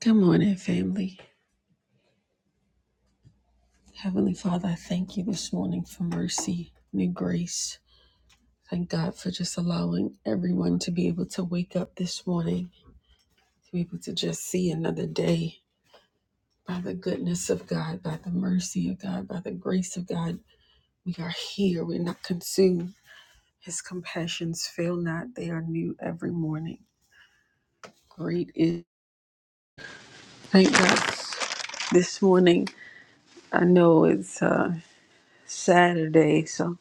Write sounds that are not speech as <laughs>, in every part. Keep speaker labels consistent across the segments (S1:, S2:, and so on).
S1: Good morning, family. Heavenly Father, I thank you this morning for mercy, new grace. Thank God for just allowing everyone to be able to wake up this morning, to be able to just see another day. By the goodness of God, by the mercy of God, by the grace of God, we are here. We're not consumed. His compassions fail not, they are new every morning. Great is. Thank God this morning. I know it's uh, Saturday, so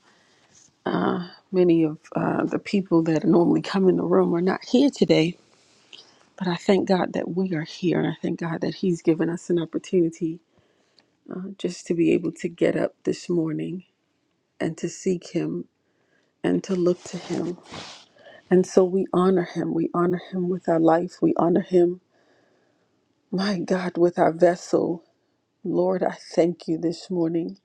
S1: Many of uh, the people that normally come in the room are not here today, but I thank God that we are here. And I thank God that He's given us an opportunity uh, just to be able to get up this morning and to seek Him and to look to Him. And so we honor Him. We honor Him with our life. We honor Him, my God, with our vessel. Lord, I thank you this morning.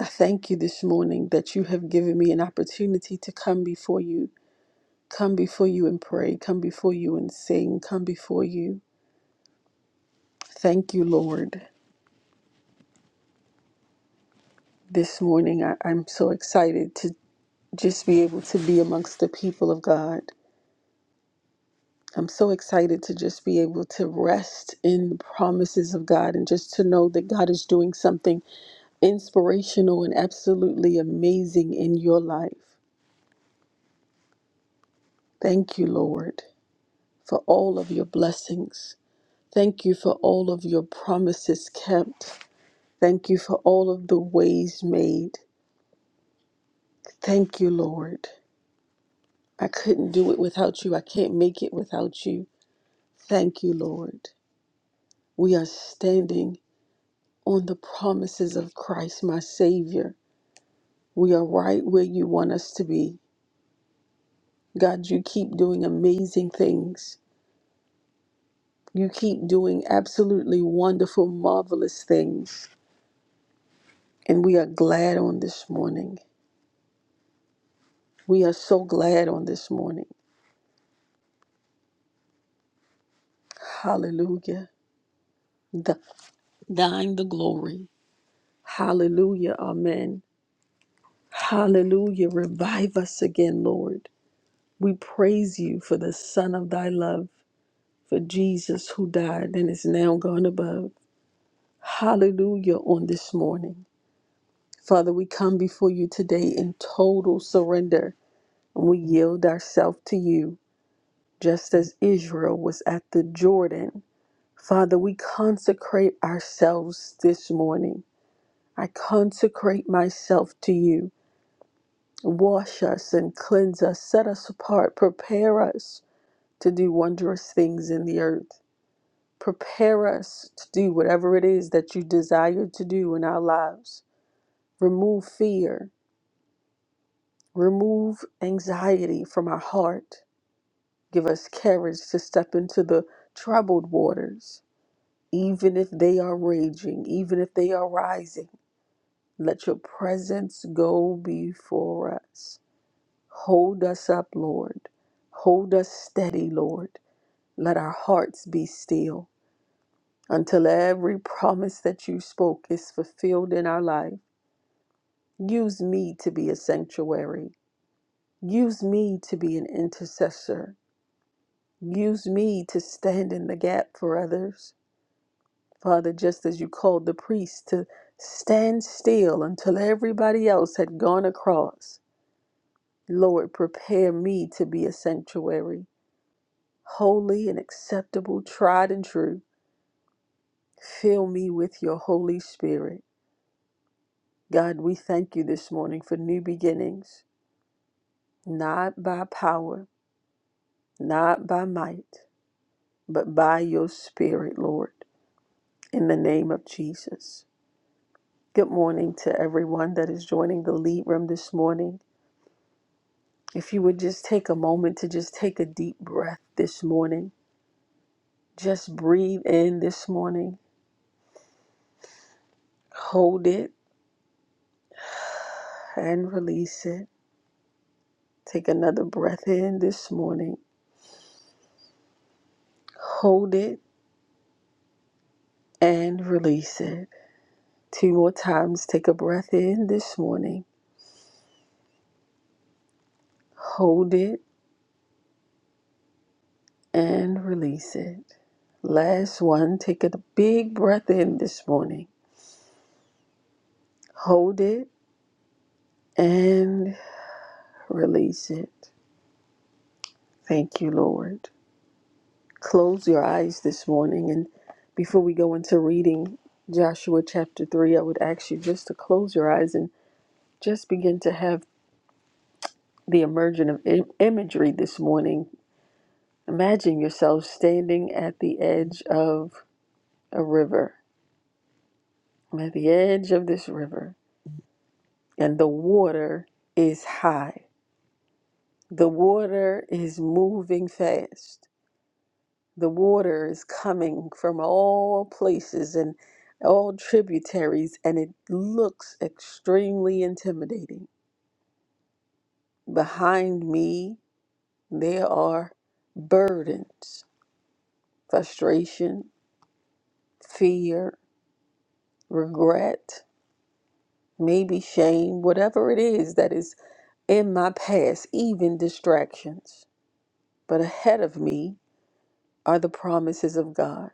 S1: I thank you this morning that you have given me an opportunity to come before you Come before you and pray. Come before you and sing. Come before you. Thank you, Lord. This morning, I, I'm so excited to just be able to be amongst the people of God. I'm so excited to just be able to rest in the promises of God and just to know that God is doing something inspirational and absolutely amazing in your life. Thank you, Lord, for all of your blessings. Thank you for all of your promises kept. Thank you for all of the ways made. Thank you, Lord. I couldn't do it without you. I can't make it without you. Thank you, Lord. We are standing on the promises of Christ, my Savior. We are right where you want us to be. God, you keep doing amazing things. You keep doing absolutely wonderful, marvelous things. And we are glad on this morning. We are so glad on this morning. Hallelujah. Th- thine the glory. Hallelujah. Amen. Hallelujah. Revive us again, Lord. We praise you for the Son of thy love, for Jesus who died and is now gone above. Hallelujah on this morning. Father, we come before you today in total surrender and we yield ourselves to you, just as Israel was at the Jordan. Father, we consecrate ourselves this morning. I consecrate myself to you. Wash us and cleanse us, set us apart, prepare us to do wondrous things in the earth. Prepare us to do whatever it is that you desire to do in our lives. Remove fear, remove anxiety from our heart. Give us courage to step into the troubled waters, even if they are raging, even if they are rising. Let your presence go before us. Hold us up, Lord. Hold us steady, Lord. Let our hearts be still until every promise that you spoke is fulfilled in our life. Use me to be a sanctuary. Use me to be an intercessor. Use me to stand in the gap for others. Father, just as you called the priest to stand still until everybody else had gone across, Lord, prepare me to be a sanctuary. holy and acceptable, tried and true. Fill me with your Holy Spirit. God, we thank you this morning for new beginnings, not by power, not by might, but by your Spirit, Lord, in the name of Jesus. Good morning to everyone that is joining the lead room this morning. If you would just take a moment to just take a deep breath this morning, just breathe in this morning, hold it and release it. Take another breath in this morning. Hold it and release it. Two more times. Take a breath in this morning. Hold it and release it. Last one. Take a big breath in this morning. Hold it and release it. Thank you, Lord. Close your eyes this morning. And before we go into reading Joshua chapter 3, I would ask you just to close your eyes and just begin to have. the emergence of im- imagery this morning. Imagine yourself standing at the edge of a river. I'm at the edge of this river, and the water is high. The water is moving fast. The water is coming from all places and all tributaries, and it looks extremely intimidating. Behind me, there are burdens, frustration, fear, regret, maybe shame, whatever it is that is in my past, even distractions. But ahead of me are the promises of God.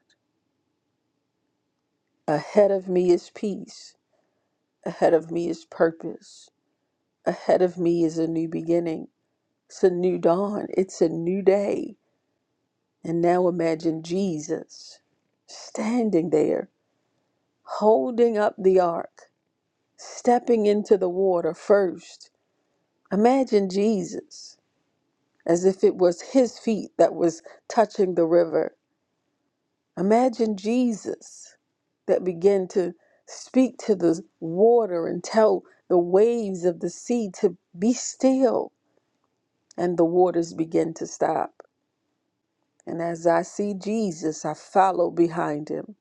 S1: Ahead of me is peace. Ahead of me is purpose. Ahead of me is a new beginning. It's a new dawn. It's a new day. And now imagine Jesus standing there, holding up the ark, stepping into the water first. Imagine Jesus as if it was his feet that was touching the river. Imagine Jesus that began to speak to the water and tell the waves of the sea to be still, and the waters begin to stop. And as I see Jesus, I follow behind him,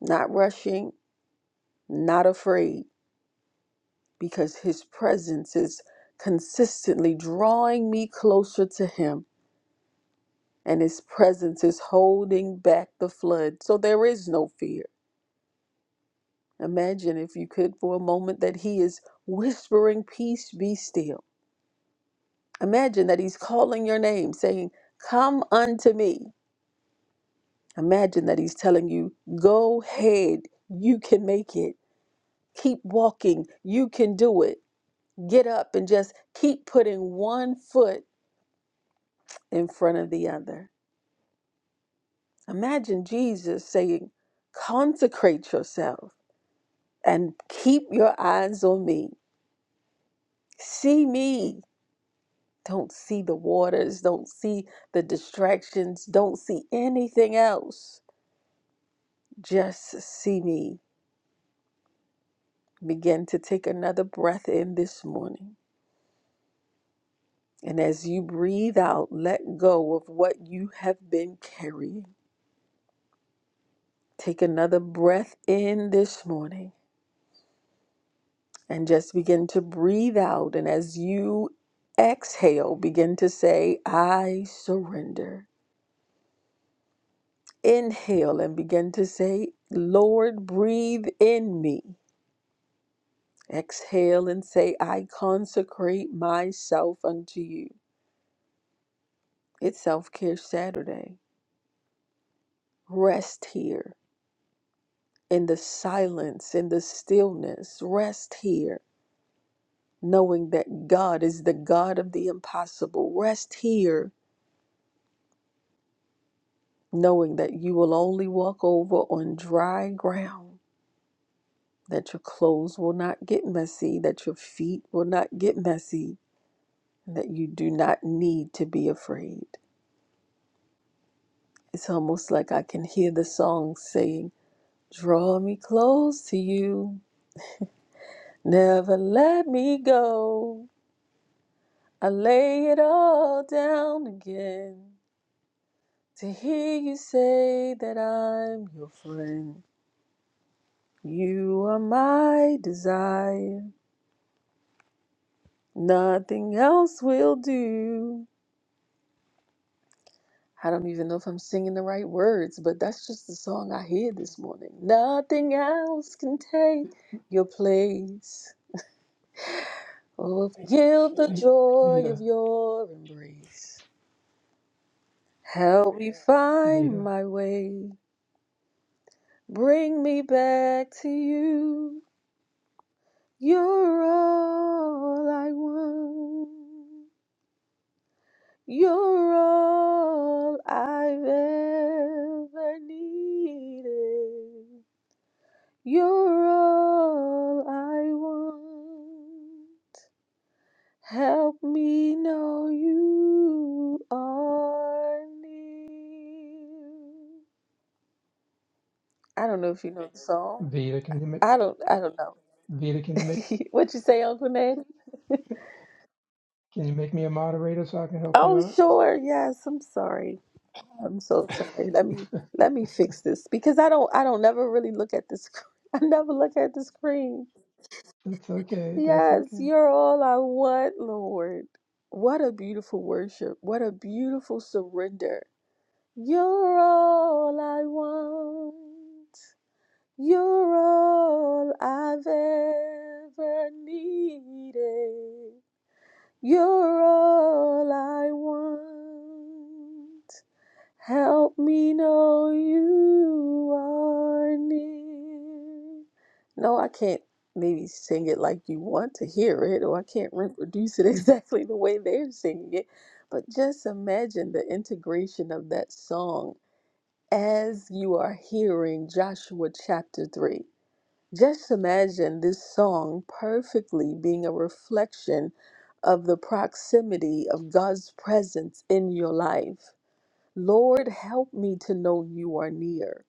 S1: not rushing, not afraid, because his presence is consistently drawing me closer to him and his presence is holding back the flood. So there is no fear. Imagine, if you could, for a moment, that he is whispering, Peace be still. Imagine that he's calling your name, saying, Come unto me. Imagine that he's telling you, Go ahead, you can make it. Keep walking, you can do it. Get up and just keep putting one foot in front of the other. Imagine Jesus saying, Consecrate yourself and keep your eyes on me. See me. Don't see the waters. Don't see the distractions. Don't see anything else. Just see me. Begin to take another breath in this morning. And as you breathe out, let go of what you have been carrying. Take another breath in this morning and just begin to breathe out. And as you exhale, begin to say, I surrender. Inhale and begin to say, Lord, breathe in me. Exhale and say, I consecrate myself unto you. It's Self Care Saturday. Rest here in the silence, in the stillness. Rest here, knowing that God is the God of the impossible. Rest here, knowing that you will only walk over on dry ground, that your clothes will not get messy, that your feet will not get messy that you do not need to be afraid. It's almost like I can hear the song saying, Draw me close to you, never let me go. I lay it all down again to hear you say that I'm your friend. You are my desire, nothing else will do. I don't even know if I'm singing the right words, but that's just the song I hear this morning. Nothing else can take your place. Oh, feel the
S2: V-
S1: joy of
S2: Vita,
S1: your embrace. Help me find
S2: Vita,
S1: my way. Bring me back to you. You're all I want. You're all I've ever needed. You're all I want. Help me know you are near. I don't know if you know the song.
S2: Vita, can you make
S1: I don't. I don't know.
S2: Vita? Can you make
S1: <laughs> what you say, Uncle Ned? <laughs>
S2: Can you make me a moderator so I can help you
S1: Oh,
S2: out?
S1: sure. Yes. I'm sorry. I'm so sorry. Let me
S2: <laughs>
S1: let me fix this because I don't. I don't never really look at the screen. <laughs> I never look at the screen.
S2: that's okay. That's
S1: Yes,
S2: okay.
S1: you're all I want, Lord. What a beautiful worship. What a beautiful surrender. You're all I want. You're all I've ever needed. You're all I want. Help me know you are near. No, I can't maybe sing it like you want to hear it, or I can't reproduce it <laughs> exactly the way they're singing it. But just imagine the integration of that song as you are hearing Joshua chapter 3. Just imagine this song perfectly being a reflection of the proximity of God's presence in your life Lord, help me to know you are near.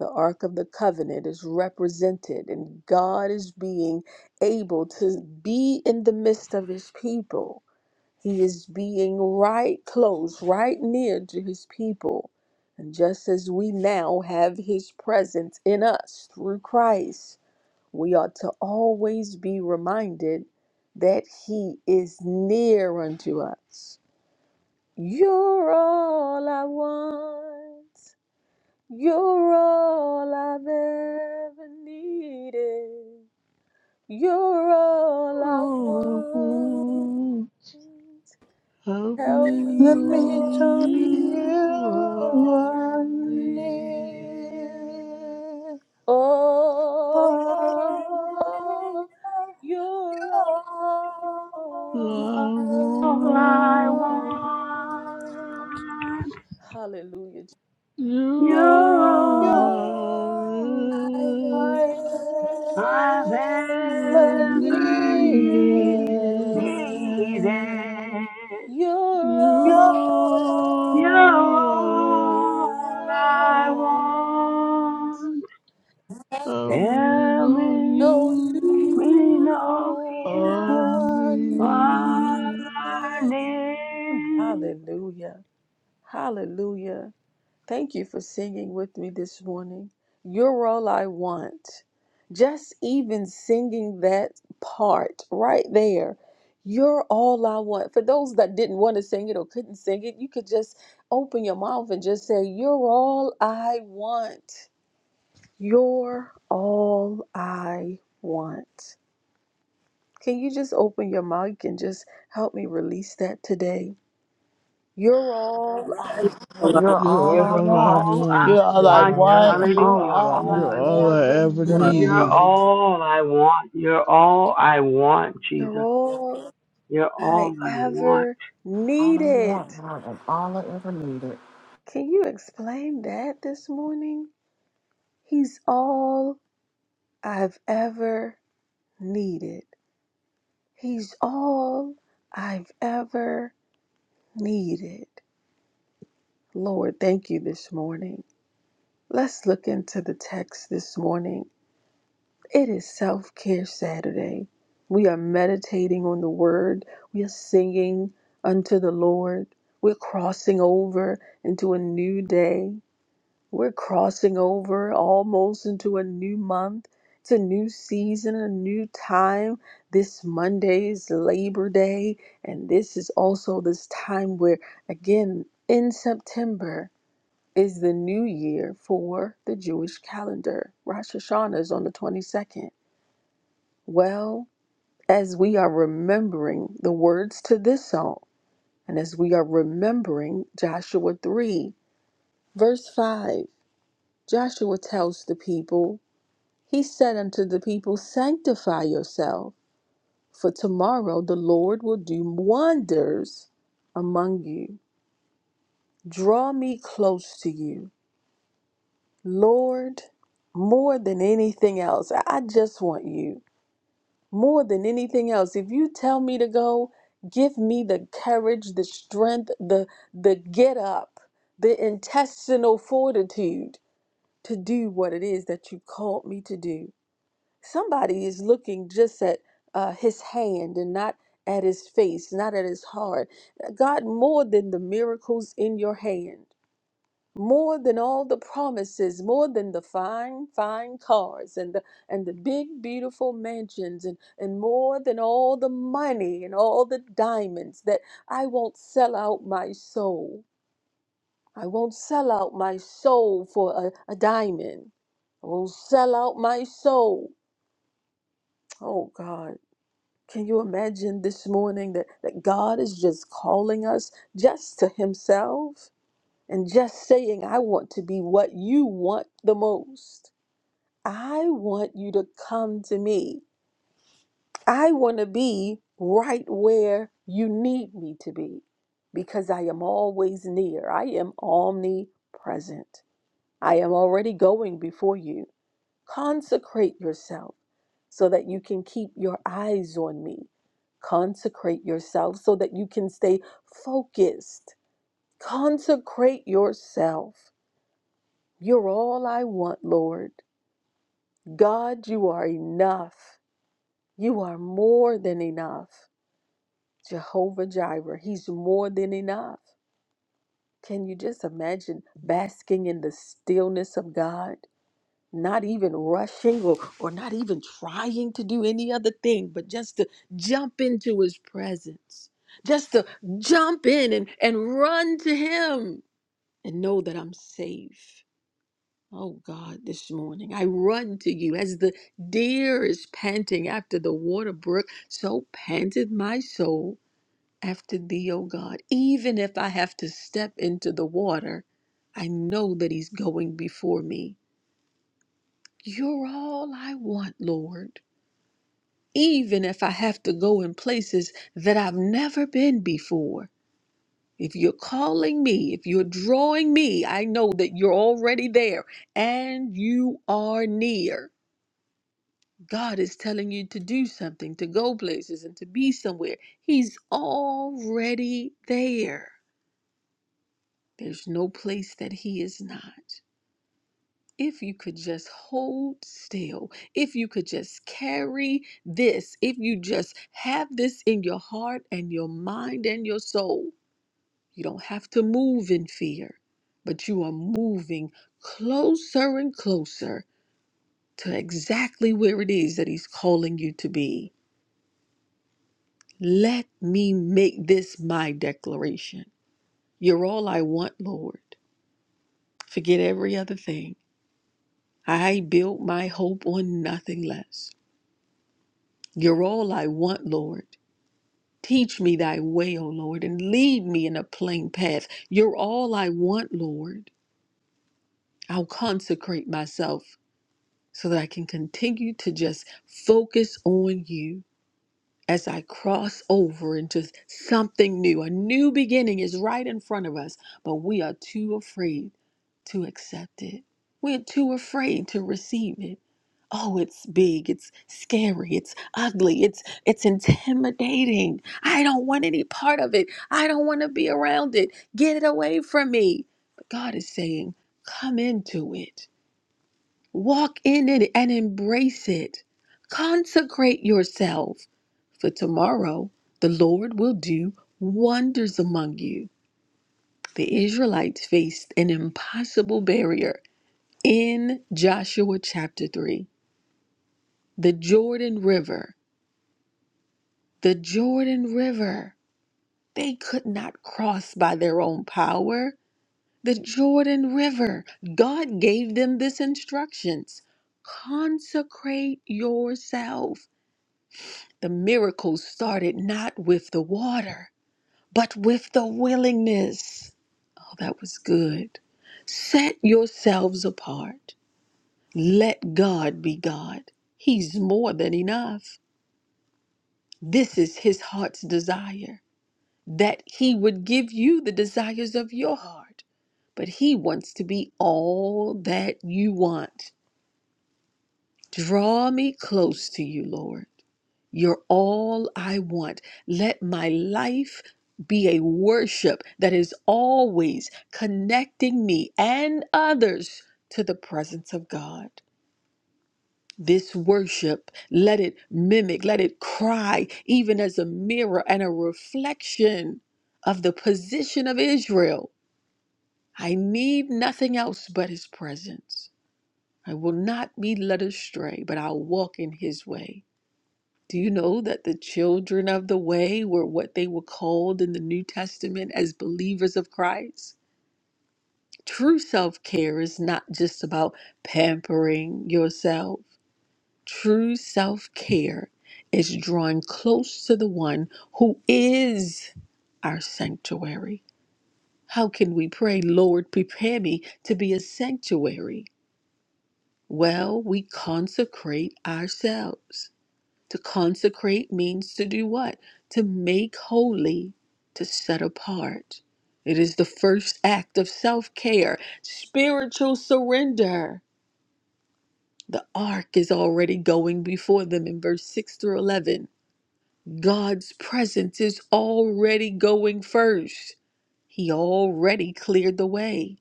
S1: The Ark of the Covenant is represented, and God is being able to be in the midst of his people. He is being right close, right near to his people. And just as we now have his presence in us through Christ, we ought to always be reminded that he is near unto us. You're all I want. You're all I've ever needed. You're all I
S3: All I
S1: want.
S3: want, help me
S1: Help
S4: Let
S1: me
S4: me
S3: know
S1: know
S4: tell you
S1: you
S3: you are
S1: before
S4: I
S1: I leave.
S3: near.
S4: need
S1: Oh,
S4: all I
S1: you're
S3: I
S1: all.
S5: All I want,
S4: want.
S3: want
S1: Hallelujah.
S3: you
S5: you're
S1: You're
S4: You're
S5: all
S3: now
S1: all. I
S4: all I
S1: remember
S5: I've
S3: ever
S4: ever
S1: you.
S5: ever need, needed.
S3: needed.
S4: needed.
S1: You're
S3: You
S4: You're all
S1: all
S5: You're
S3: are
S5: all
S4: I
S3: all I
S5: I
S3: want.
S1: right.
S4: want.
S5: want.
S3: I lean
S5: Tell
S3: on
S5: me,
S1: No,
S4: You
S5: we
S3: you,
S5: know
S1: you
S5: you
S3: on
S4: are
S1: are.
S5: are
S3: me.
S5: near.
S1: Hallelujah. Hallelujah. Thank you for singing with me this morning. You're all I want. Just even singing that part right there. You're all I want. For those that didn't want to sing it or couldn't sing it, you could just open your mouth and just say, You're all I want. You're all I want. Can you just open your mic and just help me release that today? You're all I,
S6: You're
S7: Allow
S6: all
S3: You're
S6: I
S5: You're
S3: all I
S6: want.
S5: all
S3: want.
S5: I
S2: You're
S4: like
S2: all
S5: want.
S2: I
S4: one,
S2: want.
S6: You're
S4: you
S5: Hallelujah.
S6: all I
S5: You're
S4: are
S6: want. You're
S5: all
S3: You're
S4: I
S5: I
S3: all
S5: want.
S3: I
S4: ever
S3: ever
S2: You're all
S5: You're
S2: I
S3: needed.
S4: needed.
S2: need.
S5: all I want. You're all I want,
S1: you're
S5: Jesus.
S1: all
S5: You're
S1: I
S5: all I want.
S1: ever
S6: all I
S1: needed.
S6: want, Lord, and all I ever needed.
S1: Can you explain that this morning? He's all I've ever needed. He's all I've ever needed. Lord, thank you this morning. Let's look into the text this morning. It is Self Care Saturday. We are meditating on the Word, we are singing unto the Lord, we're crossing over into a new day. We're crossing over almost into a new month. It's a new season, a new time. This Monday is Labor Day, and this is also this time where, again, in September is the new year for the Jewish calendar. Rosh Hashanah is on the 22nd. Well, as we are remembering the words to this song, and as we are remembering Joshua 3, verse 5, Joshua tells the people, He said unto the people, Sanctify yourself, for tomorrow the Lord will do wonders among you. Draw me close to you, Lord, more than anything else. I I just want you more than anything else. If you tell me to go, give me the courage, the strength, the, the get up, the intestinal fortitude to do what it is that you called me to do. somebody is looking just at uh, his hand and not at his face, not at his heart. God, more than the miracles in your hand, more than all the promises, more than the fine, fine cars and the and the big, beautiful mansions, and and more than all the money and all the diamonds, that I won't sell out my soul. I won't sell out my soul for a, a diamond. I won't sell out my soul. Oh God. Can you imagine this morning that, that God is just calling us just to Himself and just saying, I want to be what you want the most? I want you to come to me. I want to be right where you need me to be because I am always near. I am omnipresent. I am already going before you. Consecrate yourself so that you can keep your eyes on me. Consecrate yourself so that you can stay focused. Consecrate yourself. You're all I want, Lord. God, you are enough. You are more than enough. Jehovah Jireh, He's more than enough. Can you just imagine basking in the stillness of God? not even rushing or, or not even trying to do any other thing, but just to jump into his presence, just to jump in and, and run to him and know that I'm safe. Oh God, this morning I run to you as the deer is panting after the water brook, so panted my soul after thee, O God. Even if I have to step into the water, I know that he's going before me. You're all I want, Lord. Even if I have to go in places that I've never been before. If you're calling me, if you're drawing me, I know that you're already there and you are near. God is telling you to do something, to go places, and to be somewhere. He's already there. There's no place that He is not. if you could just hold still, if you could just carry this, if you just have this in your heart and your mind and your soul, you don't have to move in fear, but you are moving closer and closer to exactly where it is that He's calling you to be. Let me make this my declaration. You're all I want, Lord. Forget every other thing. I built my hope on nothing less. You're all I want, Lord. Teach me thy way, O Lord, and lead me in a plain path. You're all I want, Lord. I'll consecrate myself so that I can continue to just focus on you as I cross over into something new. A new beginning is right in front of us, but we are too afraid to accept it. We're too afraid to receive it. oh it's big it's scary it's ugly it's it's intimidating i don't want any part of it i don't want to be around it get it away from me but god is saying come into it walk in it and embrace it consecrate yourself for tomorrow the lord will do wonders among you the israelites faced an impossible barrier in joshua chapter 3 the jordan river The Jordan River, they could not cross by their own power. The Jordan River, God gave them this instructions consecrate yourself. The miracle started not with the water, but with the willingness. Oh, that was good. Set yourselves apart. Let God be God. He's more than enough. This is his heart's desire that He would give you the desires of your heart. But He wants to be all that you want. Draw me close to you, Lord. You're all I want. Let my life be a worship that is always connecting me and others to the presence of God. This worship, let it mimic, let it cry, even as a mirror and a reflection of the position of Israel I need nothing else but his presence. I will not be led astray, but I'll walk in his way. Do you know that the children of the way were what they were called in the New Testament as believers of Christ? True self care is not just about pampering yourself. True self care is drawing close to the one who is our sanctuary. How can we pray, Lord, prepare me to be a sanctuary? Well, we consecrate ourselves. To consecrate means to do what? To make holy, to set apart. It is the first act of self care, spiritual surrender. The ark is already going before them in verse 6 through 11. God's presence is already going first, He already cleared the way.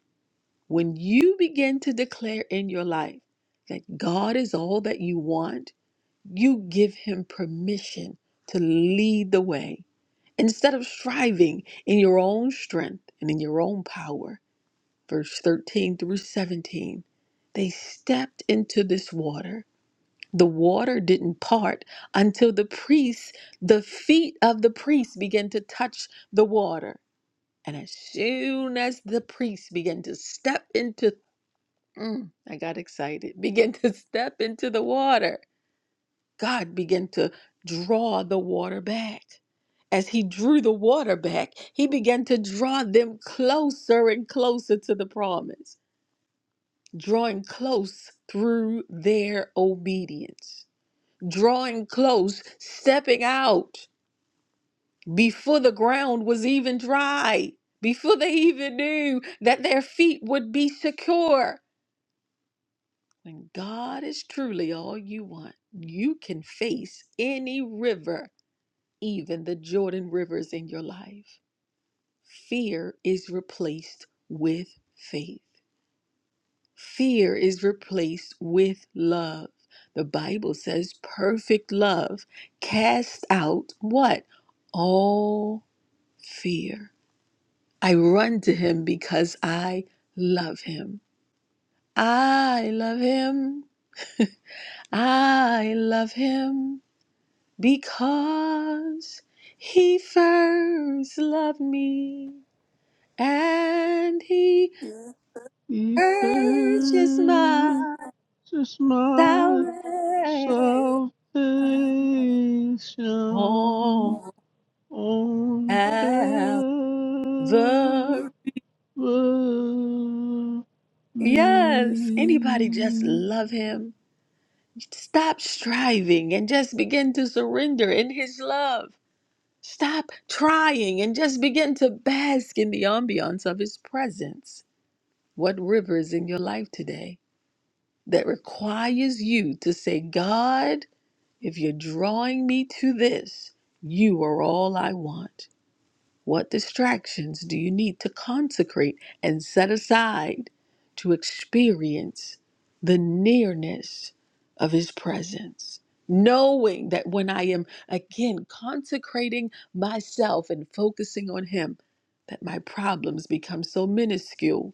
S1: When you begin to declare in your life that God is all that you want, You give him permission to lead the way instead of striving in your own strength and in your own power. Verse 13 through 17. They stepped into this water. The water didn't part until the priests, the feet of the priests began to touch the water. And as soon as the priests began to step into, Mm, I got excited, <laughs> began to step into the water, God began to draw the water back. As he drew the water back, he began to draw them closer and closer to the promise, drawing close through their obedience, drawing close, stepping out before the ground was even dry, before they even knew that their feet would be secure. When God is truly all you want, you can face any river even the Jordan rivers in your life. Fear is replaced with faith. Fear is replaced with love. The Bible says perfect love casts out what? All fear. I run to him because I love him. I love him. I love him because he first loved me. and he
S3: He
S1: urges
S3: purchased
S1: my
S3: my
S1: salvation
S3: salvation
S1: on
S3: on
S1: Calvary.
S3: Calvary.
S1: Yes, anybody just love him? Stop striving and just begin to surrender in his love. Stop trying and just begin to bask in the ambiance of his presence. What river is in your life today that requires you to say, God? If you're drawing me to this, you are all I want. What distractions do you need to consecrate and set aside to experience the nearness of His presence? Knowing that when I am again consecrating myself and focusing on Him, that my problems become so minuscule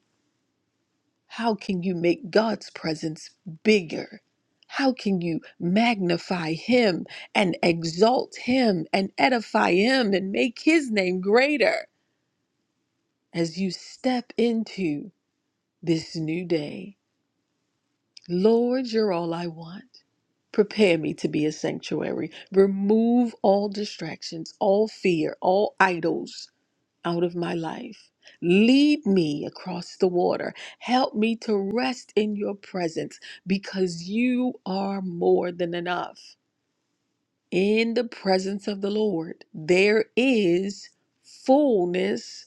S1: how can you make God's presence bigger? How can you magnify Him and exalt Him and edify Him and make His name greater as you step into this new day? Lord, you're all I want. Prepare me to be a sanctuary. Remove all distractions, all fear, all idols out of my life. Lead me across the water. Help me to rest in your presence because you are more than enough. In the presence of the Lord, there is fullness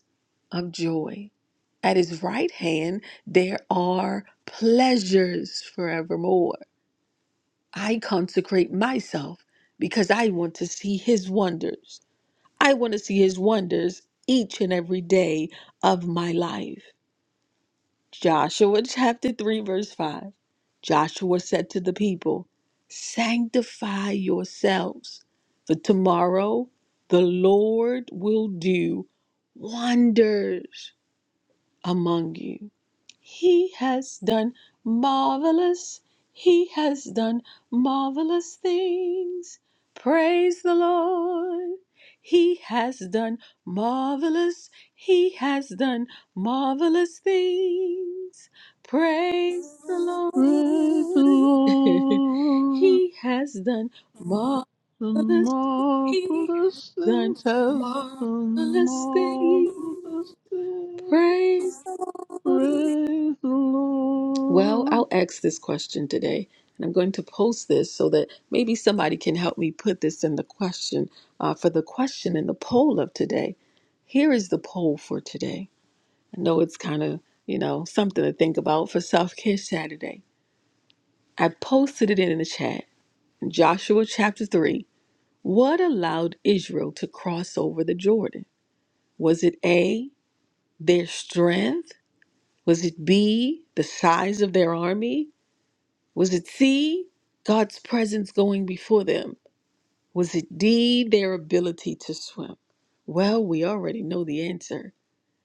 S1: of joy. At his right hand, there are pleasures forevermore. I consecrate myself because I want to see his wonders. I want to see his wonders each and every day of my life. Joshua chapter 3, verse 5. Joshua said to the people, Sanctify yourselves, for tomorrow the Lord will do wonders among you. He has done marvelous. He has done marvelous things. Praise the Lord. He has done marvelous. He has done marvelous things. Praise the
S3: Praise the
S1: Lord. <laughs>
S3: Lord,
S1: he has done marvelous.
S3: the
S1: He has
S3: marvelous
S1: done
S3: things has done,
S1: marvelous things.
S3: marvelous things.
S1: Praise the Lord.
S3: Praise the
S1: Well,
S3: Lord,
S1: I'll ask this question today, and I'm going to post this so that maybe somebody can help me put this in the question uh, for the question in the poll of today. Here is the poll for today. I know it's kind of, you know, something to think about for Self Care Saturday. I posted it in the chat in Joshua chapter 3. What allowed Israel to cross over the Jordan? Was it A, their strength? Was it B, the size of their army? Was it C, God's presence going before them? Was it D, their ability to swim? Well, we already know the answer.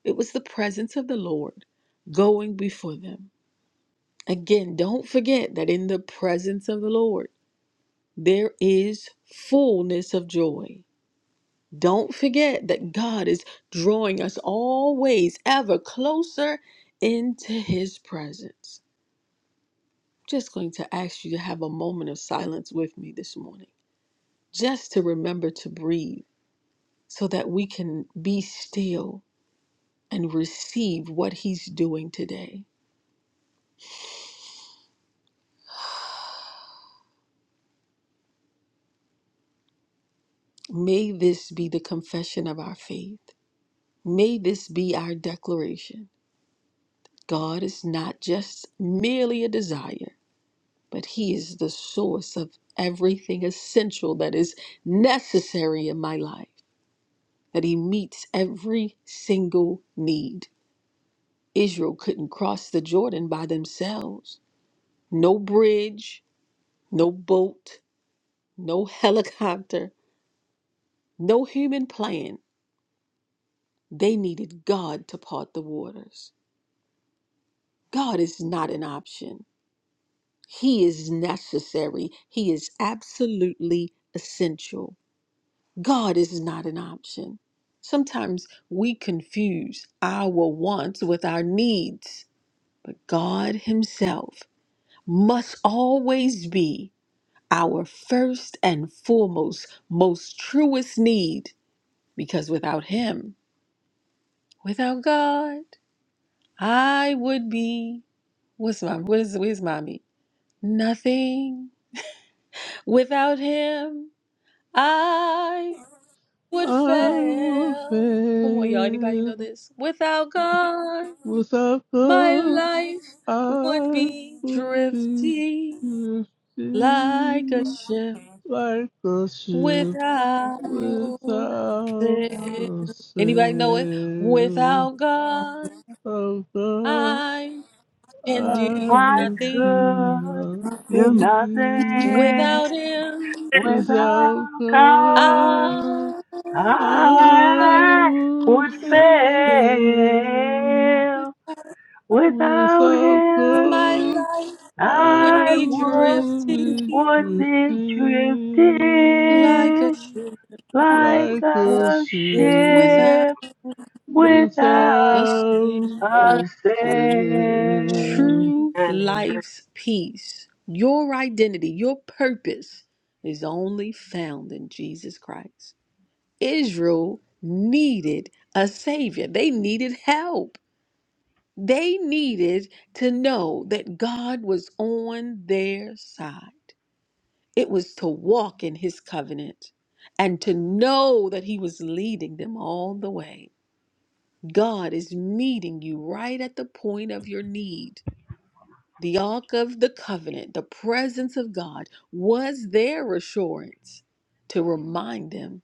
S1: It was the presence of the Lord going before them. Again, don't forget that in the presence of the Lord, there is fullness of joy. Don't forget that God is drawing us always ever closer into his presence. Just going to ask you to have a moment of silence with me this morning. just to remember to breathe so that we can be still and receive what He's doing today. May this be the confession of our faith. May this be our declaration. God is not just merely a desire, but He is the source of everything essential that is necessary in my life, that He meets every single need. Israel couldn't cross the Jordan by themselves. No bridge, No boat, no helicopter, no human plan. They needed God to part the waters. God is not an option. He is necessary. He is absolutely essential. God is not an option. Sometimes we confuse our wants with our needs, but God Himself must always be our first and foremost, most truest need, because without Him, Without God, I would be. What's my what is where's mommy? Nothing. Without him, I would
S3: I will
S1: fail. Come on, y'all. Anybody know
S3: fail.
S1: this? Without God,
S3: Without
S1: my
S3: God,
S1: life would
S3: I
S1: be
S3: would be
S1: drifting like a
S3: drifting
S1: ship
S3: like a ship
S1: without
S3: without
S1: sail.
S3: a
S1: Anybody know it?
S3: sail.
S1: Without God,
S3: of God,
S1: I can
S3: I
S1: do
S5: I
S3: would do
S1: nothing.
S5: could do
S8: Amen.
S3: nothing
S5: nothing
S1: Without him,
S3: without
S5: without God.
S3: God.
S1: I
S3: I
S1: fail.
S5: I
S3: will
S5: would
S3: fail
S5: fail without
S3: without
S5: Him.
S1: my
S3: God.
S1: life would
S5: I
S3: I
S1: be
S5: would
S3: will
S1: drifting
S8: Amen.
S3: be
S5: would be
S1: like a
S5: drifting
S3: drifting
S5: like
S3: like a
S5: a
S8: Hallelujah.
S3: ship
S1: without
S5: ship
S1: a
S5: without
S3: without
S1: stream.
S5: I
S3: a
S5: said,
S3: sail.
S1: True
S8: Amen.
S1: life's peace, your identity, your purpose is only found in Jesus Christ. Israel needed a savior. They needed help. They needed to know that God was on their side. It was to walk in his covenant and to know that he was leading them all the way. God is meeting you right at the point of your need. The Ark of the Covenant, the presence of God, was their assurance to remind them,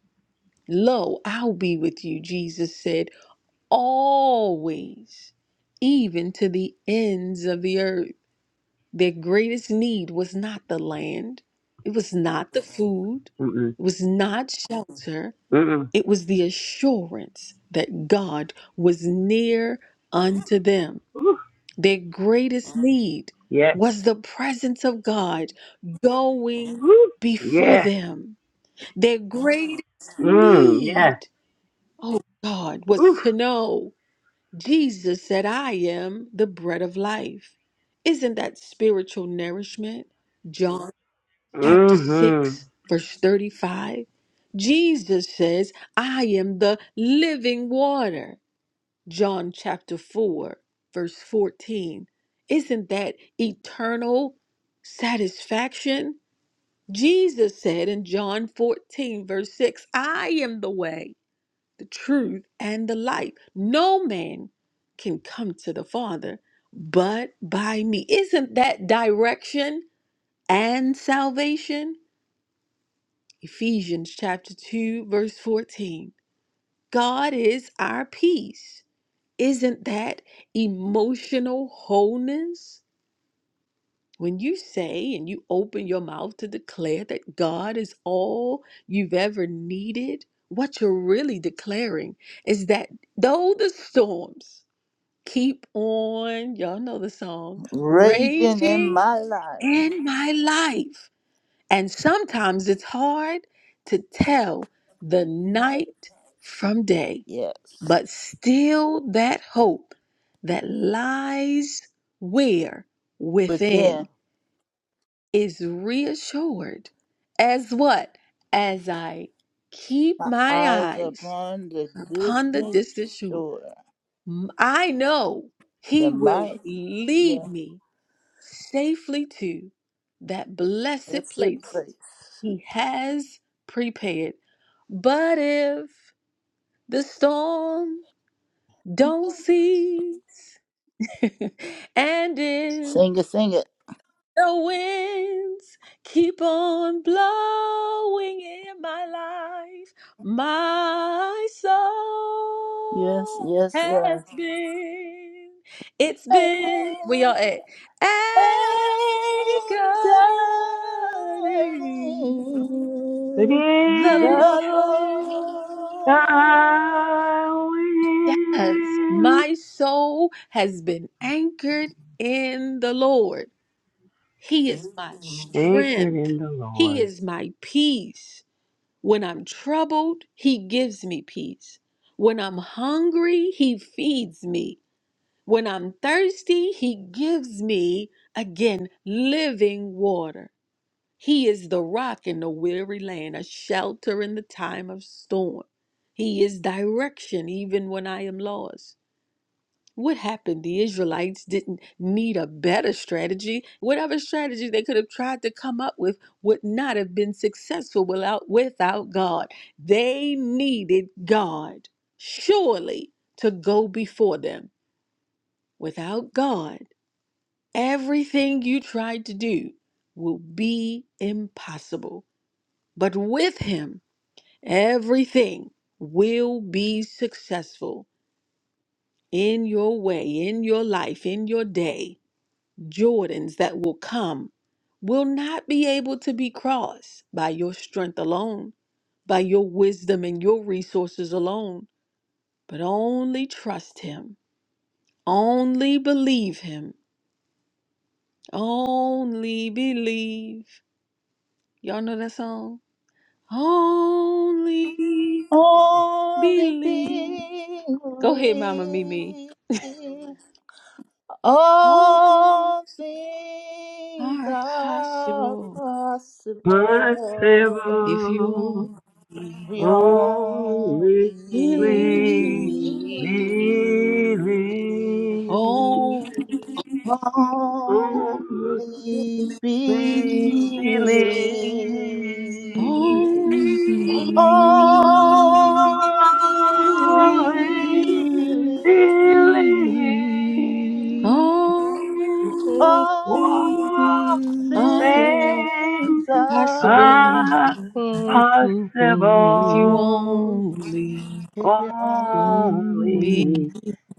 S1: Lo, I'll be with you, Jesus said, always, even to the ends of the earth. Their greatest need was not the land, it was not the food,
S5: mm-mm,
S1: it was not shelter,
S5: mm-mm.
S1: it was the assurance that God was near unto them.
S5: Ooh,
S1: Their greatest need
S5: yeah,
S1: was the presence of God going
S5: ooh,
S1: before
S5: yeah,
S1: them. Their greatest
S5: mm, yeah,
S1: need, oh God, was
S5: ooh,
S1: to know. Jesus said, I am the bread of life. Isn't that spiritual nourishment? John chapter
S5: mm-hmm.
S1: 6, verse 35. Jesus says, I am the living water. John chapter 4, verse 14. Isn't that eternal satisfaction? Jesus said in John 14, verse 6, I am the way truth, and the life. No man can come to the Father but by me. Isn't that direction and salvation? Ephesians chapter 2, verse 14. God is our peace. Isn't that emotional wholeness? When you say and you open your mouth to declare that God is all you've ever needed, what you're really declaring is that though the storms Keep on, y'all know the song,
S4: Raging in
S1: raging
S4: my life.
S1: in my life. And sometimes it's hard to
S4: That's
S1: tell the
S4: right.
S1: night from day,
S4: Yes.
S1: but still that hope that lies where
S4: But then
S1: within is reassured as what? As I keep
S4: my
S1: my
S4: eyes
S1: eyes
S4: upon the
S1: upon the
S4: distant
S1: distant shore.
S4: shore.
S1: I know
S4: The
S1: he will
S4: might,
S1: lead
S4: yes,
S1: me safely to that blessed
S4: that's the
S1: place
S4: place.
S1: he has prepared. But if the storm don't cease, <laughs> and if
S4: Sing it, sing it.
S1: The winds keep on blowing in my life. My
S4: Yes,
S1: soul
S4: yes,
S1: has been, it's been, we are
S4: yes.
S1: at anchored
S4: Entirely
S5: But
S1: the
S5: if
S4: the Lord
S1: Lord.
S5: I
S1: Yes, my soul has been anchored in the Lord. He is my Mm.
S5: win, anchored
S1: strength.
S5: in the
S1: He
S5: Lord,
S1: is my peace. When I'm troubled, He gives me peace. When I'm hungry, He feeds me. When I'm thirsty, He gives me, again, living water. He is the rock in the weary land, a shelter in the time of storm. He is direction even when I am lost. What happened? The Israelites didn't need a better strategy. Whatever strategy they could have tried to come up with would not have been successful without, without God. They needed God, surely, to go before them. Without God, everything you tried to do will be impossible. But with Him, everything will be successful in your way, in your life, in your day Jordans that will come will not be able to be crossed by your strength alone, by your wisdom and your resources alone, but only trust Him, only believe Him, only believe. Y'all know that song? Only
S4: only
S1: believe. Go ahead, Mama Mimi.
S4: believe
S1: All
S4: all
S1: things
S4: things
S1: are
S4: are
S1: possible
S5: my
S4: possible
S1: if
S5: stable,
S1: you
S4: We only
S5: only
S1: only
S5: flee,
S1: believe.
S4: easy.
S5: believe,
S1: Oh,
S4: Only
S5: only Please
S4: believe.
S5: believe.
S1: oh,
S3: <laughs>
S4: Only
S1: only
S5: Only
S4: believe.
S3: Always
S5: believe.
S3: easy. All
S4: All
S5: All
S3: things
S1: are
S3: are
S4: things
S5: things
S1: possible
S4: are
S5: are
S1: if you
S3: possible.
S5: possible.
S1: only
S4: possible.
S1: be
S3: Always
S5: Only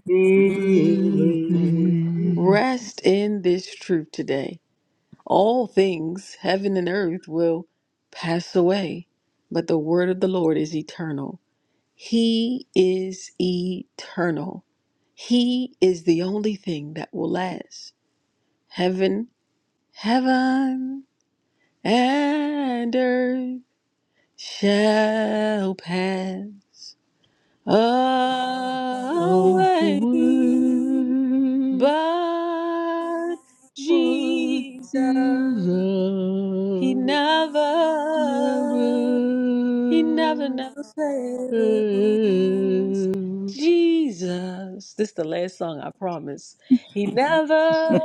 S5: believe.
S4: Believe.
S3: busy.
S1: rest in this truth today. All things, heaven and earth, will pass away, but the word of the Lord is eternal. He is eternal. He is the only thing that will last. Heaven, heaven, and earth shall pass away,
S3: Always
S1: but
S3: what Jesus
S1: Jesus. He
S3: never
S1: never, he never, never fails.
S3: fails,
S1: Jesus. This is the last song, I promise. He never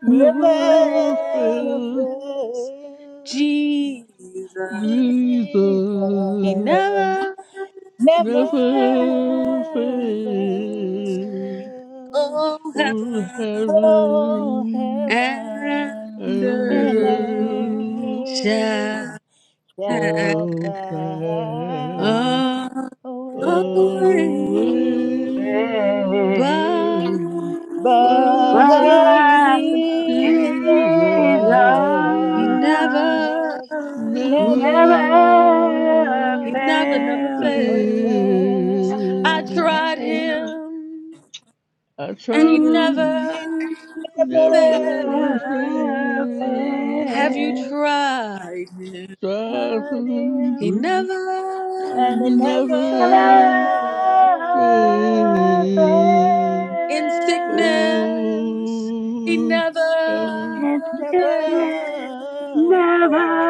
S3: never
S4: Never
S3: fails.
S1: fails.
S4: fail.
S1: Jesus. He
S3: Jesus
S4: Jesus
S1: never
S4: never
S3: never
S1: fails.
S3: fails
S4: fail.
S1: Oh,
S3: for
S1: heaven
S4: Oh,
S3: heaven
S4: heaven
S1: and
S4: and
S1: earth
S3: and earth
S1: shall
S4: earth
S1: i
S4: shall
S3: shall pass
S4: pass
S3: away,
S1: away, but
S4: away,
S5: Faith,
S4: but
S5: but
S1: Jesus,
S3: but
S4: Jesus
S5: Jesus
S1: He
S3: Jesus
S1: never,
S3: never
S5: never
S1: He never,
S4: never
S1: never
S5: fail,
S1: fails.
S5: never
S1: I
S3: fails.
S1: tried
S4: failed.
S5: fail,
S1: Him,
S3: I
S1: and
S3: tried
S1: He
S5: mm,
S3: to
S4: He
S1: never
S4: never
S3: never
S1: fails.
S5: never
S1: Have you
S3: failed.
S5: fail,
S4: failed.
S1: tried Him?
S3: Tried
S4: Heard him,
S1: He
S5: mm,
S4: and
S3: and
S4: he
S3: you
S4: never
S1: never
S5: never
S3: never
S1: fails.
S4: failed.
S5: fail.
S3: failed.
S1: In sickness, he
S3: Oh,
S1: never
S3: heaven,
S5: It's it
S1: fails.
S4: Never failed.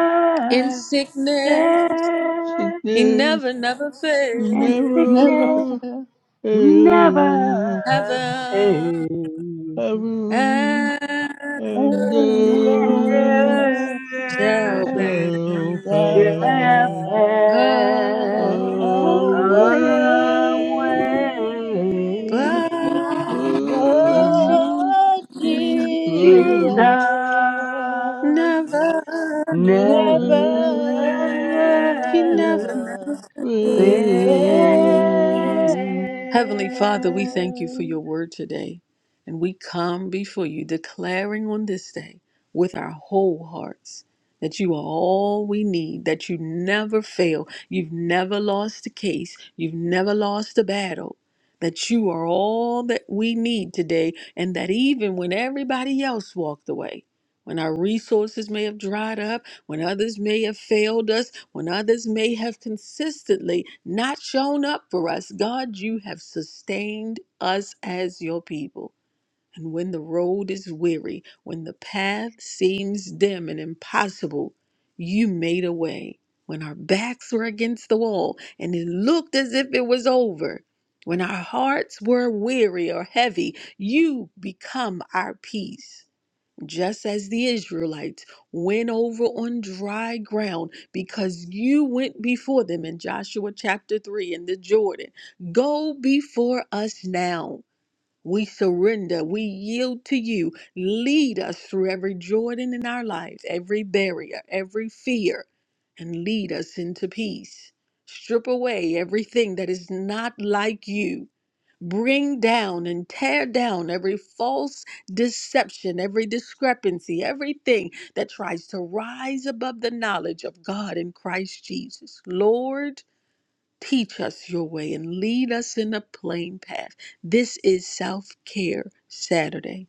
S1: In sickness,
S5: fail,
S1: he
S3: sickness,
S1: never, never
S3: we
S5: and
S4: Never <laughs>
S1: fails.
S5: sickness
S3: never fail.
S5: never
S1: Heaven
S5: fails.
S3: Heaven
S1: and
S3: and
S1: earth
S5: And
S3: earth
S4: love
S1: shall
S5: death.
S3: shall
S1: pass
S4: shall
S5: shall pass
S3: pass.
S4: pass
S5: away,
S1: away,
S3: Away
S4: away.
S1: but Jesus
S5: but
S3: was
S4: Lord Jesus
S3: Jesus
S5: Jesus
S1: never.
S4: will never
S3: never
S1: He
S5: never
S1: never.
S5: fails.
S3: fails.
S1: Heavenly Father, we
S4: fail.
S1: thank you for your word today. And we come before you declaring on this day with our whole hearts that you are all we need, that you never fail. You've never lost a case, you've never lost a battle, that you are all that we need today, and that even when everybody else walked away, when our resources may have dried up, when others may have failed us, when others may have consistently not shown up for us. God, you have sustained us as your people. And when the road is weary, when the path seems dim and impossible, you made a way. When our backs were against the wall and it looked as if it was over, when our hearts were weary or heavy, you become our peace just as the Israelites went over on dry ground because you went before them in Joshua chapter 3 in the Jordan. Go before us now we surrender. We yield to you. Lead us through every Jordan in our lives, every barrier, every fear, and lead us into peace. Strip away everything that is not like you. Bring down and tear down every false deception, every discrepancy, everything that tries to rise above the knowledge of God in Christ Jesus. Lord, Teach us your way and lead us in a plain path. This is Self Care Saturday.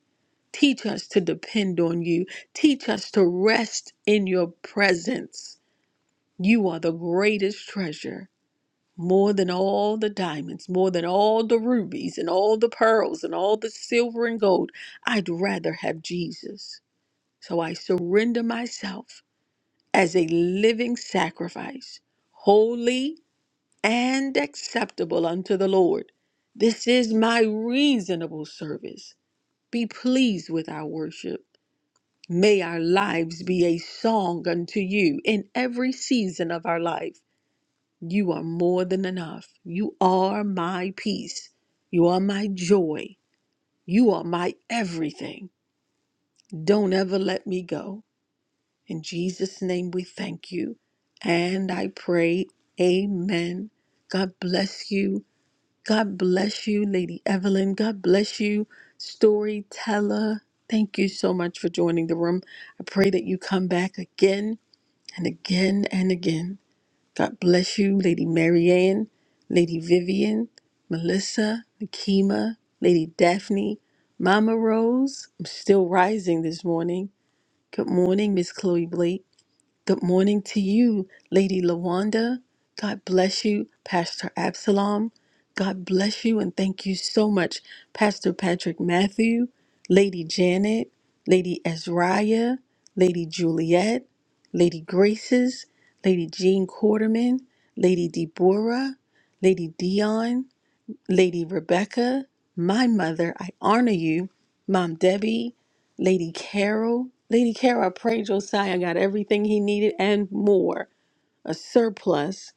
S1: Teach us to depend on you. Teach us to rest in your presence. You are the greatest treasure, more than all the diamonds, more than all the rubies and all the pearls and all the silver and gold. I'd rather have Jesus. So I surrender myself as a living sacrifice, holy and acceptable unto the Lord. This is my reasonable service. Be pleased with our worship. May our lives be a song unto you in every season of our life. You are more than enough. You are my peace. You are my joy. You are my everything. Don't ever let me go. In Jesus' name we thank you. And I pray, Amen. God bless you. God bless you, Lady Evelyn. God bless you, storyteller. Thank you so much for joining the room. I pray that you come back again and again and again. God bless you, Lady Marianne, Lady Vivian, Melissa, Nakima, Lady Daphne, Mama Rose. I'm still rising this morning. Good morning, Miss Chloe Blake. Good morning to you, Lady Lawanda. God bless you, Pastor Absalom. God bless you, and thank you so much, Pastor Patrick Matthew, Lady Janet, Lady Ezraya, Lady Juliet, Lady Graces, Lady Jean Quarterman, Lady Deborah, Lady Dion, Lady Rebecca, my mother, I honor you. Mom Debbie, Lady Carol, Lady Carol, I pray Josiah got everything he needed and more a surplus.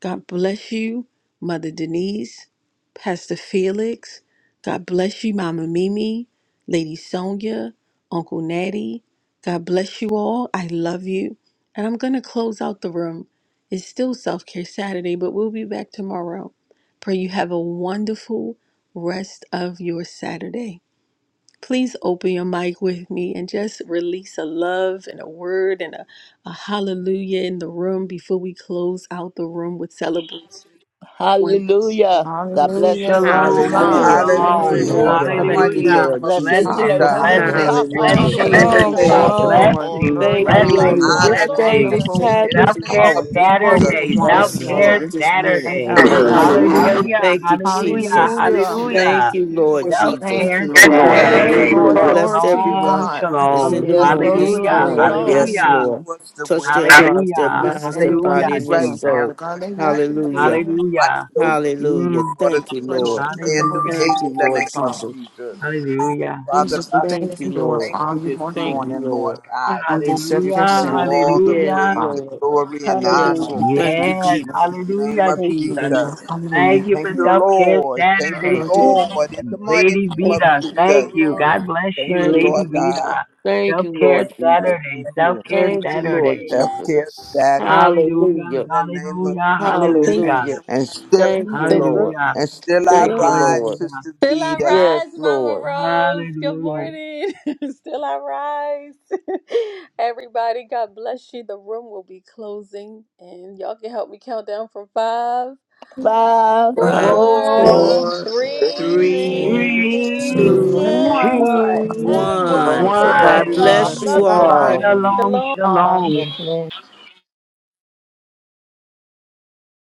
S1: God bless you, Mother Denise, Pastor Felix. God bless you, Mama Mimi, Lady Sonia, Uncle Natty. God bless you all. I love you. And I'm going to close out the room. It's still Self Care Saturday, but we'll be back tomorrow. Pray you have a wonderful rest of your Saturday. Please open your mic with me and just release a love and a word and a, a hallelujah in the room before we close out the room with celebration. One this morning.
S4: Hallelujah. God bless
S6: Hallelujah.
S4: each and
S6: Glory
S9: younger
S6: to
S4: every
S5: Shalom,
S4: one.
S9: generation
S10: Hallelujah.
S6: God.
S9: out
S11: Hallelujah.
S9: there.
S6: Thank you,
S2: Praise
S5: shalom,
S2: the
S9: Yeah.
S2: Lord.
S6: Lord
S10: Hallelujah.
S6: God.
S10: Thank you,
S2: Hallelujah.
S7: Hallelujah.
S5: hallelujah,
S10: Lord
S4: Bless
S10: Jesus.
S4: each and
S5: blessings,
S4: every one from
S12: and
S4: the
S8: Hallelujah.
S2: Shalom,
S6: Hallelujah.
S5: blessings,
S4: top
S12: resting in divine
S4: all
S2: everybody.
S7: Have
S10: Hallelujah.
S4: the
S11: Praise the
S7: a
S4: way
S5: blessings.
S10: Thank
S7: good
S4: to
S12: Shalom,
S10: you,
S4: the
S12: peace.
S11: Lord.
S7: day.
S6: Thank you,
S4: bottom.
S10: Father.
S12: shalom.
S6: Lord.
S11: All
S5: Blessings,
S6: Glory
S10: Thank
S11: to
S6: to
S4: Hear
S11: be.
S10: you,
S4: y'all
S6: God.
S10: Lord,
S5: blessings,
S10: for
S7: Hallelujah.
S4: tomorrow,
S10: this
S4: Lord's
S10: day,
S5: blessings.
S8: Bless
S4: willing.
S10: this
S8: me.
S6: Wonderful,
S10: time,
S7: Thank
S10: this
S5: Self care
S10: hour, this moment,
S6: wonderful,
S5: Saturday, self
S10: this
S6: wonderful
S4: Yes,
S9: Blessed.
S5: care
S4: Lord.
S10: moment,
S6: Savior.
S10: this minute.
S6: Thank you,
S5: Saturday.
S6: Lord God.
S10: Hallelujah.
S9: Father.
S13: Hallelujah.
S5: Hallelujah,
S10: Thank you,
S5: hallelujah,
S10: Jesus.
S6: Hallelujah.
S10: Thank
S5: hallelujah.
S10: you,
S9: Yes.
S10: Lord
S7: you,
S5: Self
S7: Lord.
S10: Jesus.
S6: Thank you,
S5: care
S6: Lord.
S7: Free day,
S6: Thank
S5: Saturday.
S6: you,
S10: Hallelujah.
S6: Lord.
S13: Hallelujah.
S7: Father.
S6: Glory
S10: Bless
S6: to you,
S5: Shalom,
S10: everyone
S6: God.
S10: that's in
S5: shalom.
S10: the
S4: Yes,
S7: Hallelujah.
S10: room
S4: Lord.
S7: Jesus.
S10: this
S6: Thank you,
S4: Shalom,
S5: Hallelujah,
S7: Thank you,
S6: Lord.
S10: morning.
S4: shalom.
S7: Lord.
S10: Yes,
S5: hallelujah,
S10: Lord.
S6: Hallelujah.
S10: Touch their hearts, their
S5: hallelujah,
S6: Bless
S10: minds, their
S6: everyone
S5: hallelujah,
S6: in
S10: body, and
S6: this
S10: their
S6: room,
S5: Jesus.
S6: Father
S10: soul.
S6: God. Let your hands.
S10: Hallelujah.
S7: Hallelujah.
S5: Hallelujah.
S6: Hallelujah.
S10: Hallelujah.
S5: Mm,
S10: Thank you, Lord.
S6: Fresh and with the Holy
S5: hallelujah,
S10: Thank
S6: Spirit,
S10: you,
S6: today,
S10: Lord
S6: Father.
S10: Jesus.
S5: hallelujah,
S6: Jesus, we
S10: Thank
S6: thank
S10: you,
S6: you, Lord, for
S10: Lord.
S6: doing all you want to
S10: Thank you,
S6: do
S10: Lord.
S6: on this self-care
S5: hallelujah,
S6: center. We Thank you,
S10: Yes,
S6: Lord
S5: hallelujah.
S6: God.
S10: Lord.
S4: Yes.
S10: Yes,
S1: Hallelujah.
S10: Lord. Thank
S6: We
S10: you,
S6: thank
S5: Yes,
S6: you
S10: Jesus.
S6: for
S5: hallelujah,
S1: Thank
S6: the
S1: you.
S6: day,
S5: Jesus.
S6: Lord. Hallelujah.
S5: Thank you for Self Care Saturday.
S11: Shabbat.
S6: Glory
S1: Thank
S6: to
S1: you.
S6: you.
S5: Lady
S1: Thank
S5: Vita,
S11: We give
S5: thank
S11: you
S5: you.
S11: glory.
S5: God bless you,
S10: Thank
S1: you.
S5: Lady
S10: you,
S5: Vita.
S10: Jesus. Thank
S5: Self
S10: you,
S5: Care
S10: Lord Jesus.
S5: Saturday, Self Care
S10: Thank you,
S1: Thank
S11: Thank
S10: Lord
S11: you,
S5: Saturday.
S10: Jesus.
S11: Jesus.
S1: you.
S5: Hallelujah,
S10: Hallelujah.
S5: hallelujah,
S1: Thank you.
S5: hallelujah,
S10: Hallelujah. Thank you,
S1: The room
S10: Lord.
S5: hallelujah,
S10: Thank you,
S1: will.
S10: Lord.
S5: hallelujah,
S1: Still I
S10: Yes,
S1: rise, Mama
S10: Lord.
S1: Rose. Good
S5: hallelujah.
S1: morning. <laughs> Still I rise. <laughs> Everybody, God bless you. The room will be closing, and y'all can help me count down from five,
S4: Five,
S14: God,
S10: Five,
S5: Four,
S1: four,
S6: Four,
S4: four,
S10: four,
S1: three,
S2: Four,
S10: three,
S4: three,
S5: three,
S6: two,
S1: two,
S14: Shalom,
S2: three,
S6: and
S10: two,
S11: Three,
S4: two,
S6: one.
S1: one.
S5: two,
S4: and
S2: two,
S4: one.
S7: God
S10: one.
S7: bless
S4: Shalom,
S10: God
S5: one.
S14: shalom.
S7: everyone.
S10: bless
S4: shalom.
S2: one.
S6: Bless
S10: you
S4: Love
S7: Have a
S8: Bless
S7: good
S11: two,
S4: y'all.
S8: us.
S7: day.
S10: all.
S6: everybody.
S9: Um,
S5: Shalom,
S1: Shalom.
S6: Um,
S5: shalom.
S2: Shalom, shalom.